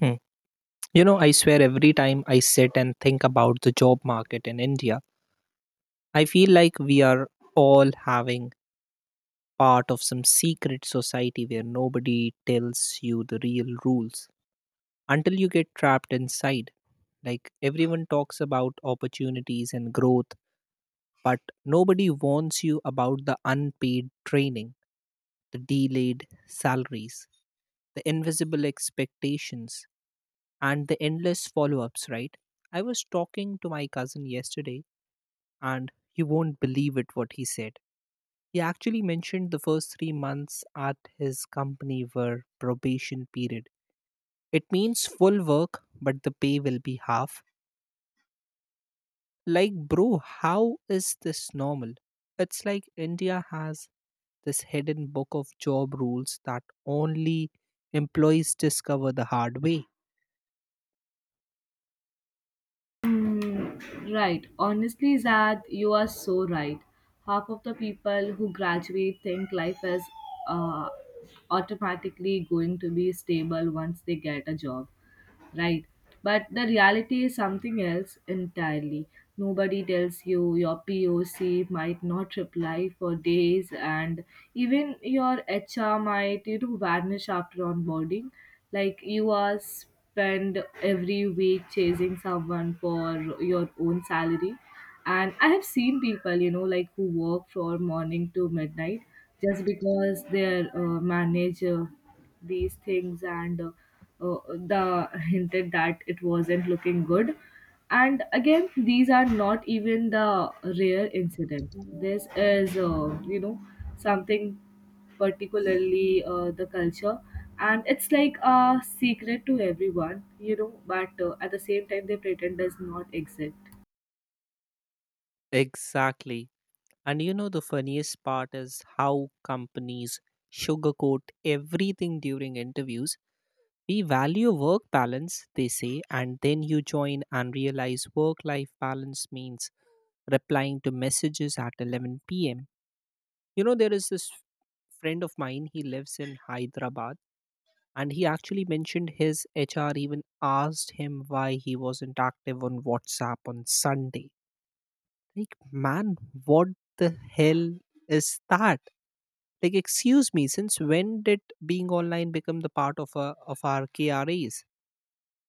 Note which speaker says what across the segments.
Speaker 1: Hmm. You know, I swear every time I sit and think about the job market in India, I feel like we are all having part of some secret society where nobody tells you the real rules until you get trapped inside. Like everyone talks about opportunities and growth, but nobody warns you about the unpaid training, the delayed salaries, the invisible expectations and the endless follow ups, right? I was talking to my cousin yesterday, and you won't believe it what he said. He actually mentioned the first 3 months at his company were probation period. It means full work, but the pay will be half. Like, bro, how is this normal? It's like India has this hidden book of job rules that only employees discover the hard way.
Speaker 2: Mm, right. Honestly, Zad, you are so right. Half of the people who graduate think life is uh, automatically going to be stable once they get a job, right? But the reality is something else entirely. Nobody tells you your POC might not reply for days, and even your HR might vanish after onboarding. Like you are spend every week chasing someone for your own salary. And I have seen people like who work from morning to midnight just because their manager these things and uh, the hinted that it wasn't looking good. And again, these are not even the rare incident. This is something particularly the culture, and it's like a secret to everyone, but at the same time they pretend does not exist.
Speaker 1: Exactly. And you know, the funniest part is how companies sugarcoat everything during interviews. We value work balance, they say, and then you join and realize work life balance means replying to messages at 11 pm. You know, there is this friend of mine, he lives in Hyderabad, and he actually mentioned his HR even asked him why he wasn't active on WhatsApp on Sunday. Like, man, what the hell is that? Like, excuse me, since when did being online become the part of our KRAs,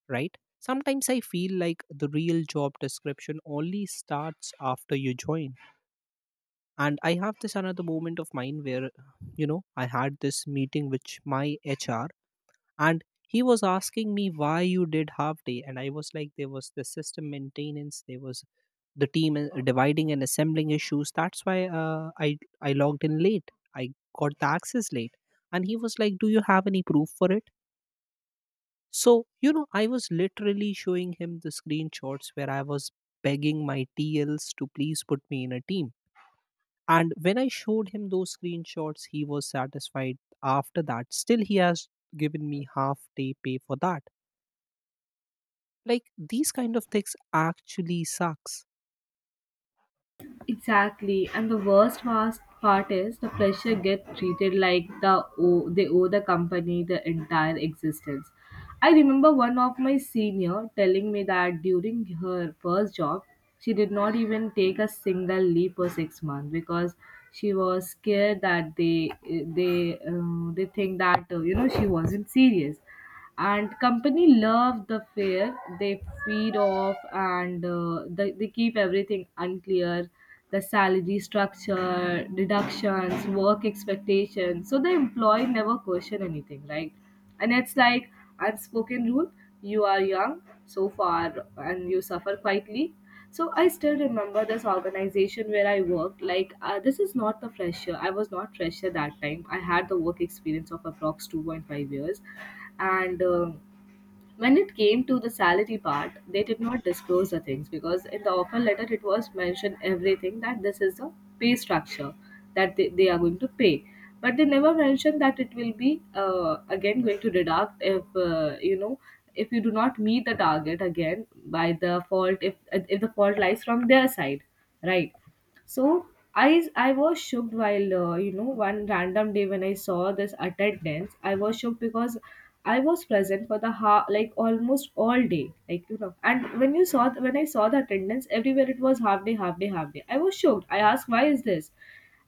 Speaker 1: right? Sometimes I feel like the real job description only starts after you join. And I have this another moment of mine where, you know, I had this meeting with my HR, and he was asking me why you did half day. And I was like, there was the system maintenance, there was the team is dividing and assembling issues, that's why I logged in late. I got the access late. And he was like, do you have any proof for it? So, you know, I was literally showing him the screenshots where I was begging my TLs to please put me in a team. And when I showed him those screenshots, he was satisfied. After that, still he has given me half day pay for that. Like, these kind of things actually sucks.
Speaker 2: Exactly, and the worst part is the pressure get treated like they owe the company the entire existence. I remember one of my senior telling me that during her first job, she did not even take a single leave for 6 months because she was scared that they think that she wasn't serious. And company love the fair, they feed off, and they keep everything unclear, the salary structure, deductions, work expectations, so the employee never question anything, right? And it's like unspoken rule, you are young so far and you suffer quietly. So I still remember this organization where I worked, like, this is not the fresher, I was not fresher that time. I had the work experience of approx 2.5 years. And when it came to the salary part, they did not disclose the things because in the offer letter it was mentioned everything that this is the pay structure that they are going to pay. But they never mentioned that it will be again going to deduct if if you do not meet the target again by the fault, if the fault lies from their side, right? So I was shocked while one random day when I saw this attendance. I was shocked because I was present for the like almost all day, like. And when I saw the attendance everywhere, it was half day, half day, half day. I was shocked. I asked why is this,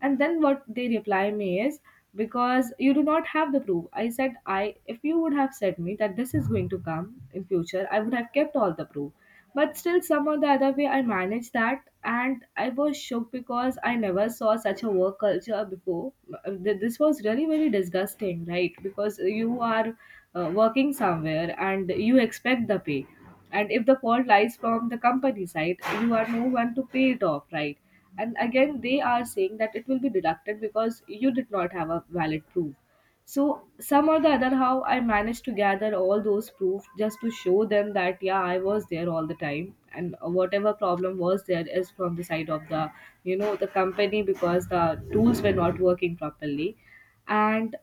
Speaker 2: and then what they reply me is because you do not have the proof. I said I if you would have said me that this is going to come in future, I would have kept all the proof. But still, somehow the other way, I managed that, and I was shocked because I never saw such a work culture before. This was really very disgusting, right? Because you are working somewhere and you expect the pay, and if the fault lies from the company side, you are no one to pay it off, right? And again, they are saying that it will be deducted because you did not have a valid proof. So, some or the other, how I managed to gather all those proof just to show them that, yeah, I was there all the time, and whatever problem was there is from the side of the, the company, because the tools were not working properly. And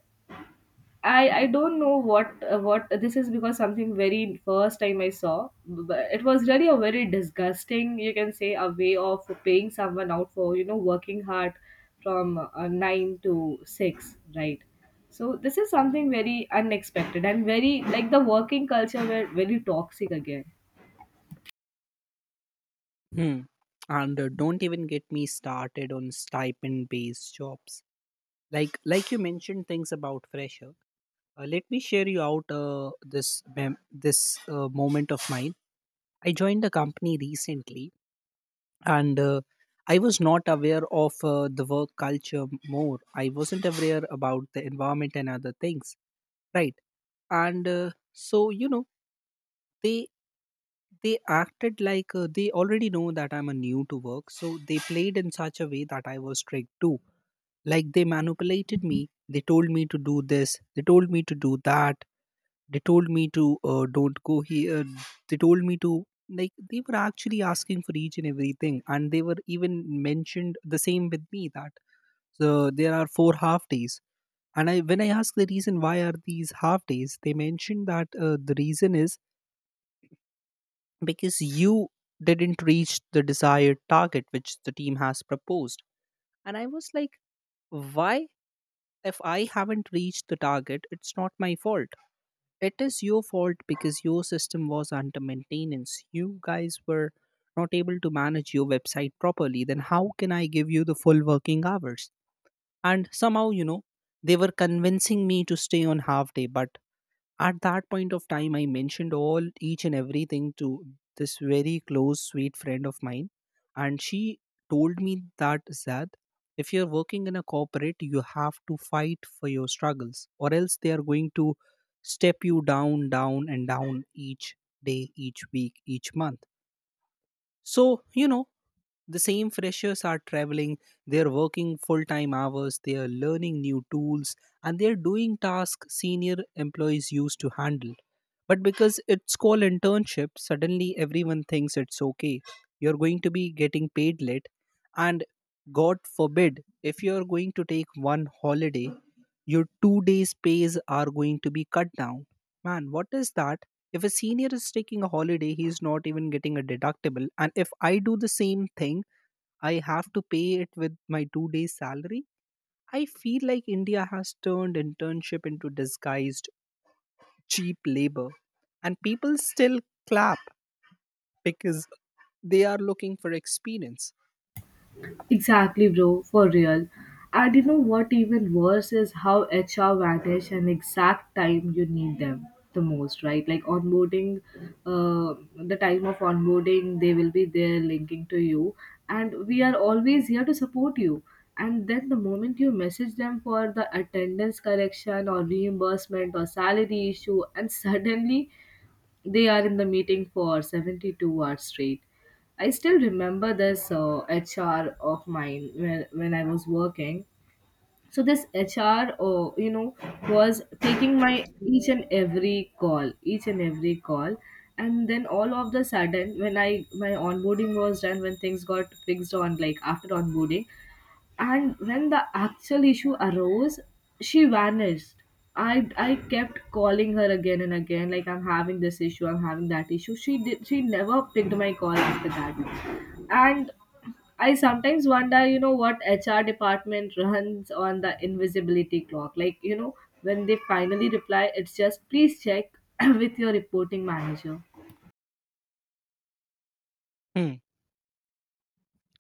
Speaker 2: I don't know what this is, because something very first time I saw, but it was really a very disgusting, you can say, a way of paying someone out for working hard from 9 to 6, right? So this is something very unexpected and very like the working culture were very toxic again.
Speaker 1: Hmm. And don't even get me started on stipend-based jobs. Like you mentioned things about fresher. Let me share you out this moment of mine. I joined a company recently, and I was not aware of the work culture more. I wasn't aware about the environment and other things. Right. And uh, so you know, they they acted like they already know that I'm a new to work. So they played in such a way that I was tricked too. Like, they manipulated me. They told me to do this. They told me to do that. They told me to don't go here. They told me to, like, they were actually asking for each and everything, and they were even mentioned the same with me that so there are four half days. And I, when I asked the reason why are these half days, they mentioned that the reason is because you didn't reach the desired target which the team has proposed. And I was like, why? If I haven't reached the target, it's not my fault. It is your fault because your system was under maintenance. You guys were not able to manage your website properly. Then how can I give you the full working hours? And somehow, you know, they were convincing me to stay on half day, but at that point of time, I mentioned all each and everything to this very close, sweet friend of mine, and she told me that Zad, if you're working in a corporate, you have to fight for your struggles, or else they are going to step you down, down, and down each day, each week, each month. So you know, the same freshers are traveling, they're working full time hours, they are learning new tools, and they're doing tasks senior employees used to handle. But because it's called internship, suddenly everyone thinks it's okay. You're going to be getting paid late, and God forbid, if you're going to take one holiday, your 2 days' pays are going to be cut down. Man, what is that? If a senior is taking a holiday, he's not even getting a deductible. And if I do the same thing, I have to pay it with my 2 days' salary. I feel like India has turned internship into disguised cheap labor, and people still clap because they are looking for experience.
Speaker 2: Exactly, bro, for real. And you know what, even worse is how HR vanish an exact time you need them the most, right? Like onboarding, uh, the time of onboarding, they will be there linking to you, and we are always here to support you. And then the moment you message them for the attendance correction or reimbursement or salary issue, and suddenly they are in the meeting for 72 hours straight. I still remember this HR of mine when I was working. So this HR, was taking my each and every call, each and every call, and then all of the sudden, when I my onboarding was done, when things got fixed on, like, after onboarding, and when the actual issue arose, she vanished. I kept calling her again and again, like, I'm having this issue, I'm having that issue. She never picked my call after that. And I sometimes wonder, what HR department runs on the invisibility clock, like, when they finally reply, it's just please check with your reporting manager.
Speaker 1: Hmm.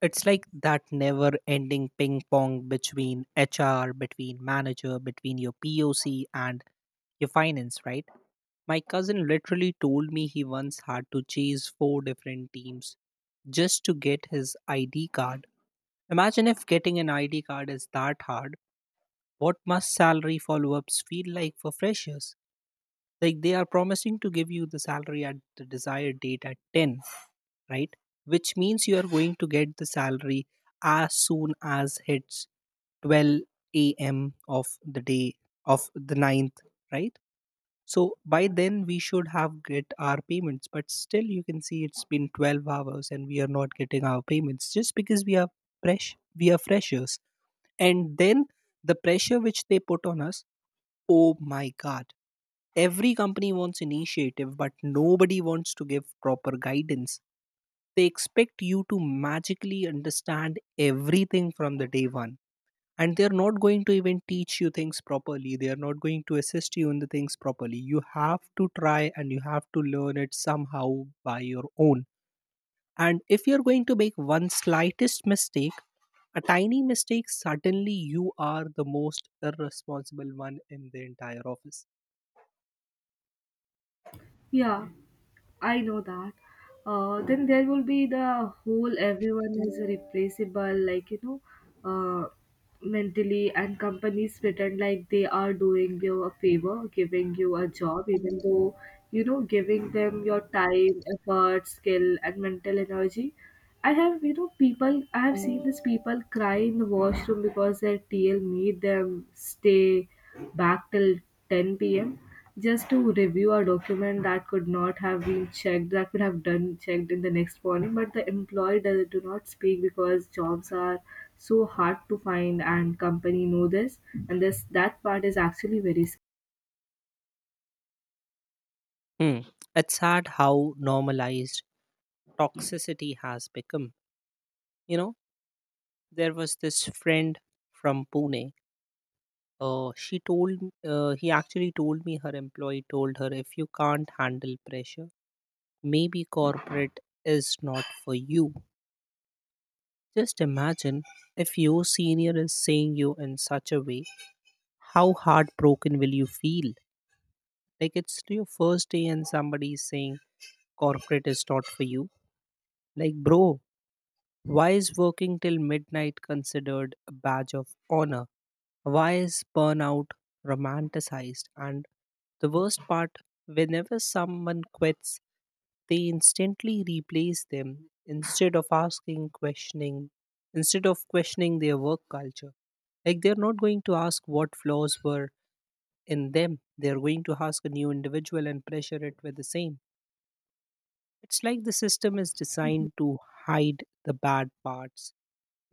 Speaker 1: It's like that never ending ping pong between HR, between manager, between your POC and your finance, right? My cousin literally told me he once had to chase four different teams just to get his ID card. Imagine if getting an ID card is that hard. What must salary follow ups feel like for freshers? Like, they are promising to give you the salary at the desired date at 10, right? Which means you are going to get the salary as soon as it's 12 a.m. of the day of the ninth, right? So by then we should have get our payments, but still you can see it's been 12 hours and we are not getting our payments just because we are freshers. And then the pressure which they put on us, oh my God. Every company wants initiative, but nobody wants to give proper guidance. They expect you to magically understand everything from the day one, and they're not going to even teach you things properly. They are not going to assist you in the things properly. You have to try, and you have to learn it somehow by your own. And if you're going to make one slightest mistake, a tiny mistake, suddenly you are the most irresponsible one in the entire office.
Speaker 2: Yeah, I know that. Then there will be the whole everyone is replaceable, like, uh, mentally, and companies pretend like they are doing you a favor, giving you a job, even though, giving them your time, effort, skill, and mental energy. I have, people, I have seen these people cry in the washroom because their TL made them stay back till 10 p.m. just to review a document that could not have been checked, that could have done checked in the next morning, but the employee do not speak because jobs are so hard to find and company know this. And this that part is actually very sc-
Speaker 1: Hmm. It's sad how normalized toxicity has become. You know, there was this friend from Pune. He actually told me her employee told her if you can't handle pressure, maybe corporate is not for you. Just imagine if your senior is saying you in such a way, how heartbroken will you feel? Like, it's your first day and somebody is saying corporate is not for you. Like, bro, why is working till midnight considered a badge of honor? Why is burnout romanticized? And the worst part, whenever someone quits, they instantly replace them, instead of questioning their work culture. Like, they're not going to ask what flaws were in them. They're going to ask a new individual and pressure it with the same. It's like the system is designed to hide the bad parts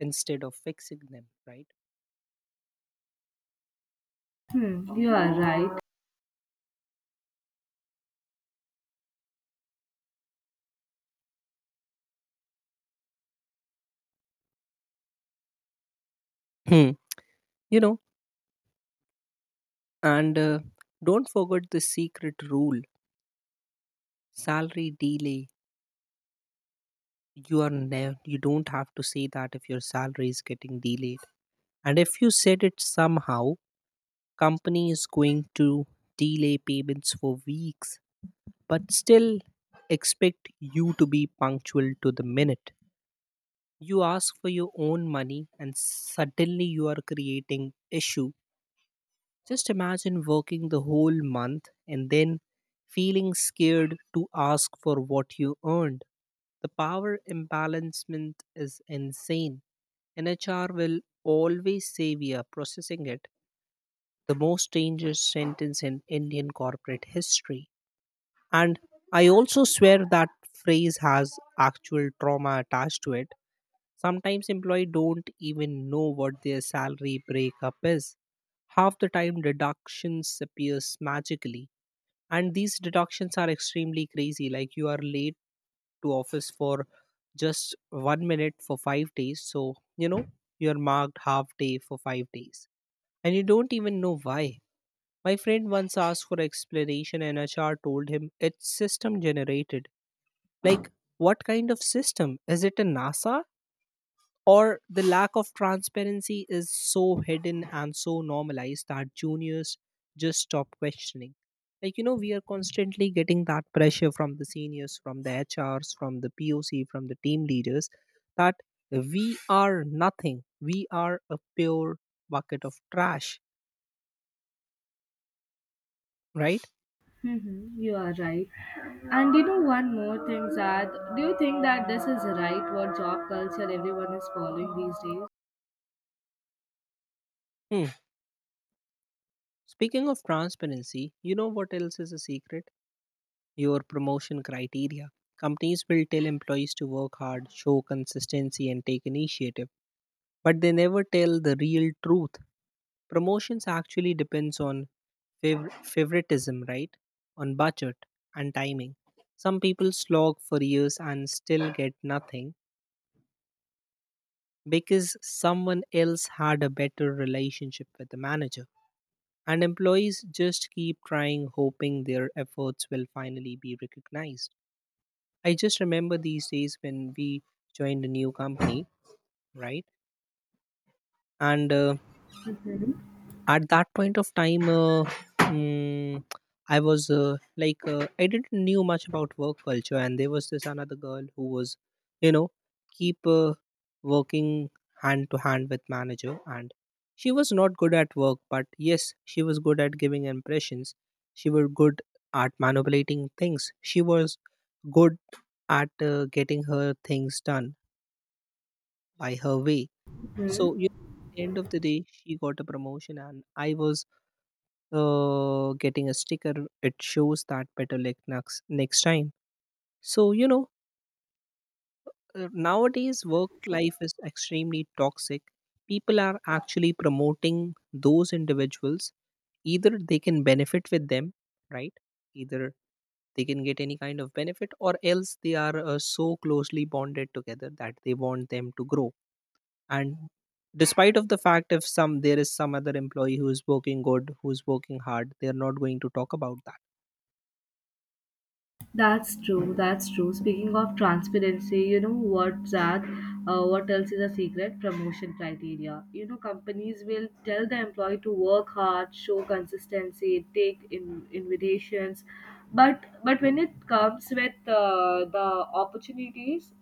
Speaker 1: instead of fixing them, right?
Speaker 2: Hmm, you are right.
Speaker 1: Hmm. You know, And don't forget the secret rule: salary delay. You don't have to say that if your salary is getting delayed. And if you said it somehow, company is going to delay payments for weeks, but still expect you to be punctual to the minute. You ask for your own money, and suddenly you are creating issue. Just imagine working the whole month and then feeling scared to ask for what you earned. The power imbalancement is insane. And HR will always say we are processing it. The most dangerous sentence in Indian corporate history. And I also swear that phrase has actual trauma attached to it. Sometimes employees don't even know what their salary breakup is. Half the time deductions appears magically, and these deductions are extremely crazy. Like, you are late to office for just 1 minute for 5 days, so you know, you are marked half day for 5 days and you don't even know why. My friend once asked for explanation and HR told him it's system generated. Like, what kind of system is it, a NASA? Or the lack of transparency is so hidden and so normalized that juniors just stop questioning. Like, you know, we are constantly getting that pressure from the seniors, from the HRs, from the POC, from the team leaders, that we are nothing. We are a pure bucket of trash, right?
Speaker 2: Hmm, you are right. And you know one more thing, Zad, do you think that this is right, what job culture everyone is following these days?
Speaker 1: Hmm. Speaking of transparency, you know what else is a secret? Your promotion criteria. Companies will tell employees to work hard, show consistency and take initiative, but they never tell the real truth. Promotions actually depends on favoritism, right? On budget and timing. Some people slog for years and still get nothing because someone else had a better relationship with the manager. And employees just keep trying, hoping their efforts will finally be recognized. I just remember these days when we joined a new company, right? And
Speaker 2: Mhm.
Speaker 1: At that point of time, mm, I was, like, I didn't knew much about work culture. And there was this another girl who was, you know, keep working hand to hand with manager, and she was not good at work, but yes, she was good at giving impressions. She was good at manipulating things. She was good at getting her things done by her way. So
Speaker 2: Hmm.
Speaker 1: you At the end of the day, she got a promotion, and I was getting a sticker. It shows that better luck next time. So you know, nowadays work life is extremely toxic. People are actually promoting those individuals either they can benefit with them, right? Either they can get any kind of benefit, or else they are so closely bonded together that they want them to grow. And despite of the fact, if some there is some other employee who is working good, who is working hard, they are not going to talk about that.
Speaker 2: That's true. That's true. Speaking of transparency, you know what, Zach? What else is a secret? Promotion criteria. You know, companies will tell the employee to work hard, show consistency, take in, invitations, but when it comes with the opportunities,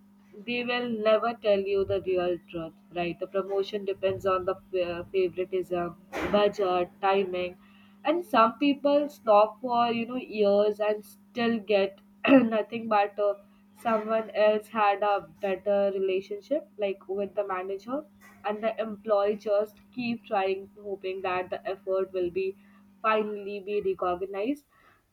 Speaker 2: they will never tell you the real truth. Right? The promotion depends on the favoritism, budget, timing, and some people stop for years and still get nothing, but someone else had a better relationship, like, with the manager, and the employee just keep trying, hoping that the effort will be finally be recognized.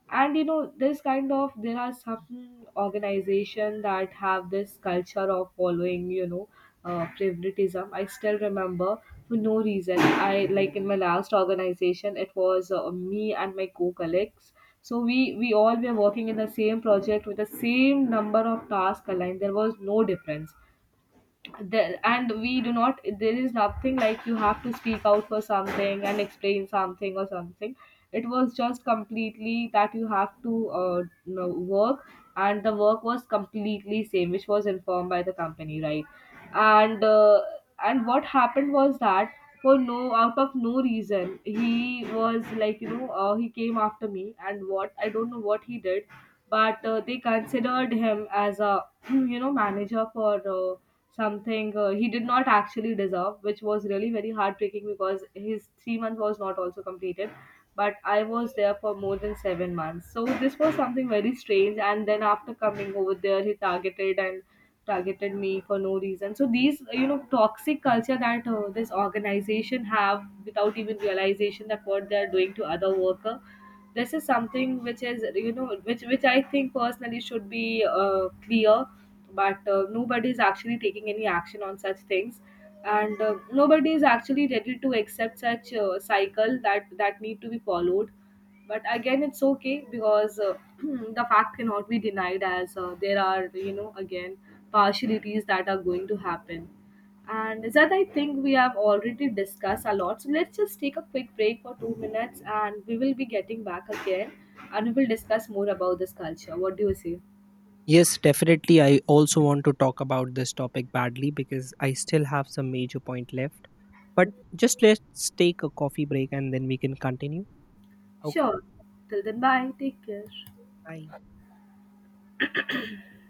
Speaker 2: And you know, this kind of, there are some organization that have this culture of following, favoritism. I still remember, for no reason, I, like, in my last organization, it was me and my co-colleagues. So we all were working in the same project with the same number of tasks aligned. There was no difference. And we do not, there is nothing like, you have to speak out for something and explain something or something. It was just completely that you have to work, and the work was completely same which was informed by the company, right? And what happened was that, for no, out of no reason, he was like, he came after me, and what I don't know what he did. But they considered him as a manager for something he did not actually deserve, which was really very heartbreaking because his 3 month was not also completed. But I was there for more than 7 months, so this was something very strange. And then after coming over there, he targeted and targeted me for no reason. So these, toxic culture that this organization have without even realization that what they are doing to other worker, this is something which is, which I think personally should be clear. But nobody is actually taking any action on such things. And nobody is actually ready to accept such cycle that need to be followed. But again, it's okay because the fact cannot be denied, as there are, again, partialities that are going to happen. And that, I think, we have already discussed a lot. So let's just take a quick break for 2 minutes and we will be getting back again, and we will discuss more about this culture. What do you say?
Speaker 1: Yes, definitely. I also want to talk about this topic badly because I still have some major point left. But just let's take a coffee break and then we can continue. Okay.
Speaker 2: Sure. Till then, bye. Take care.
Speaker 1: Bye.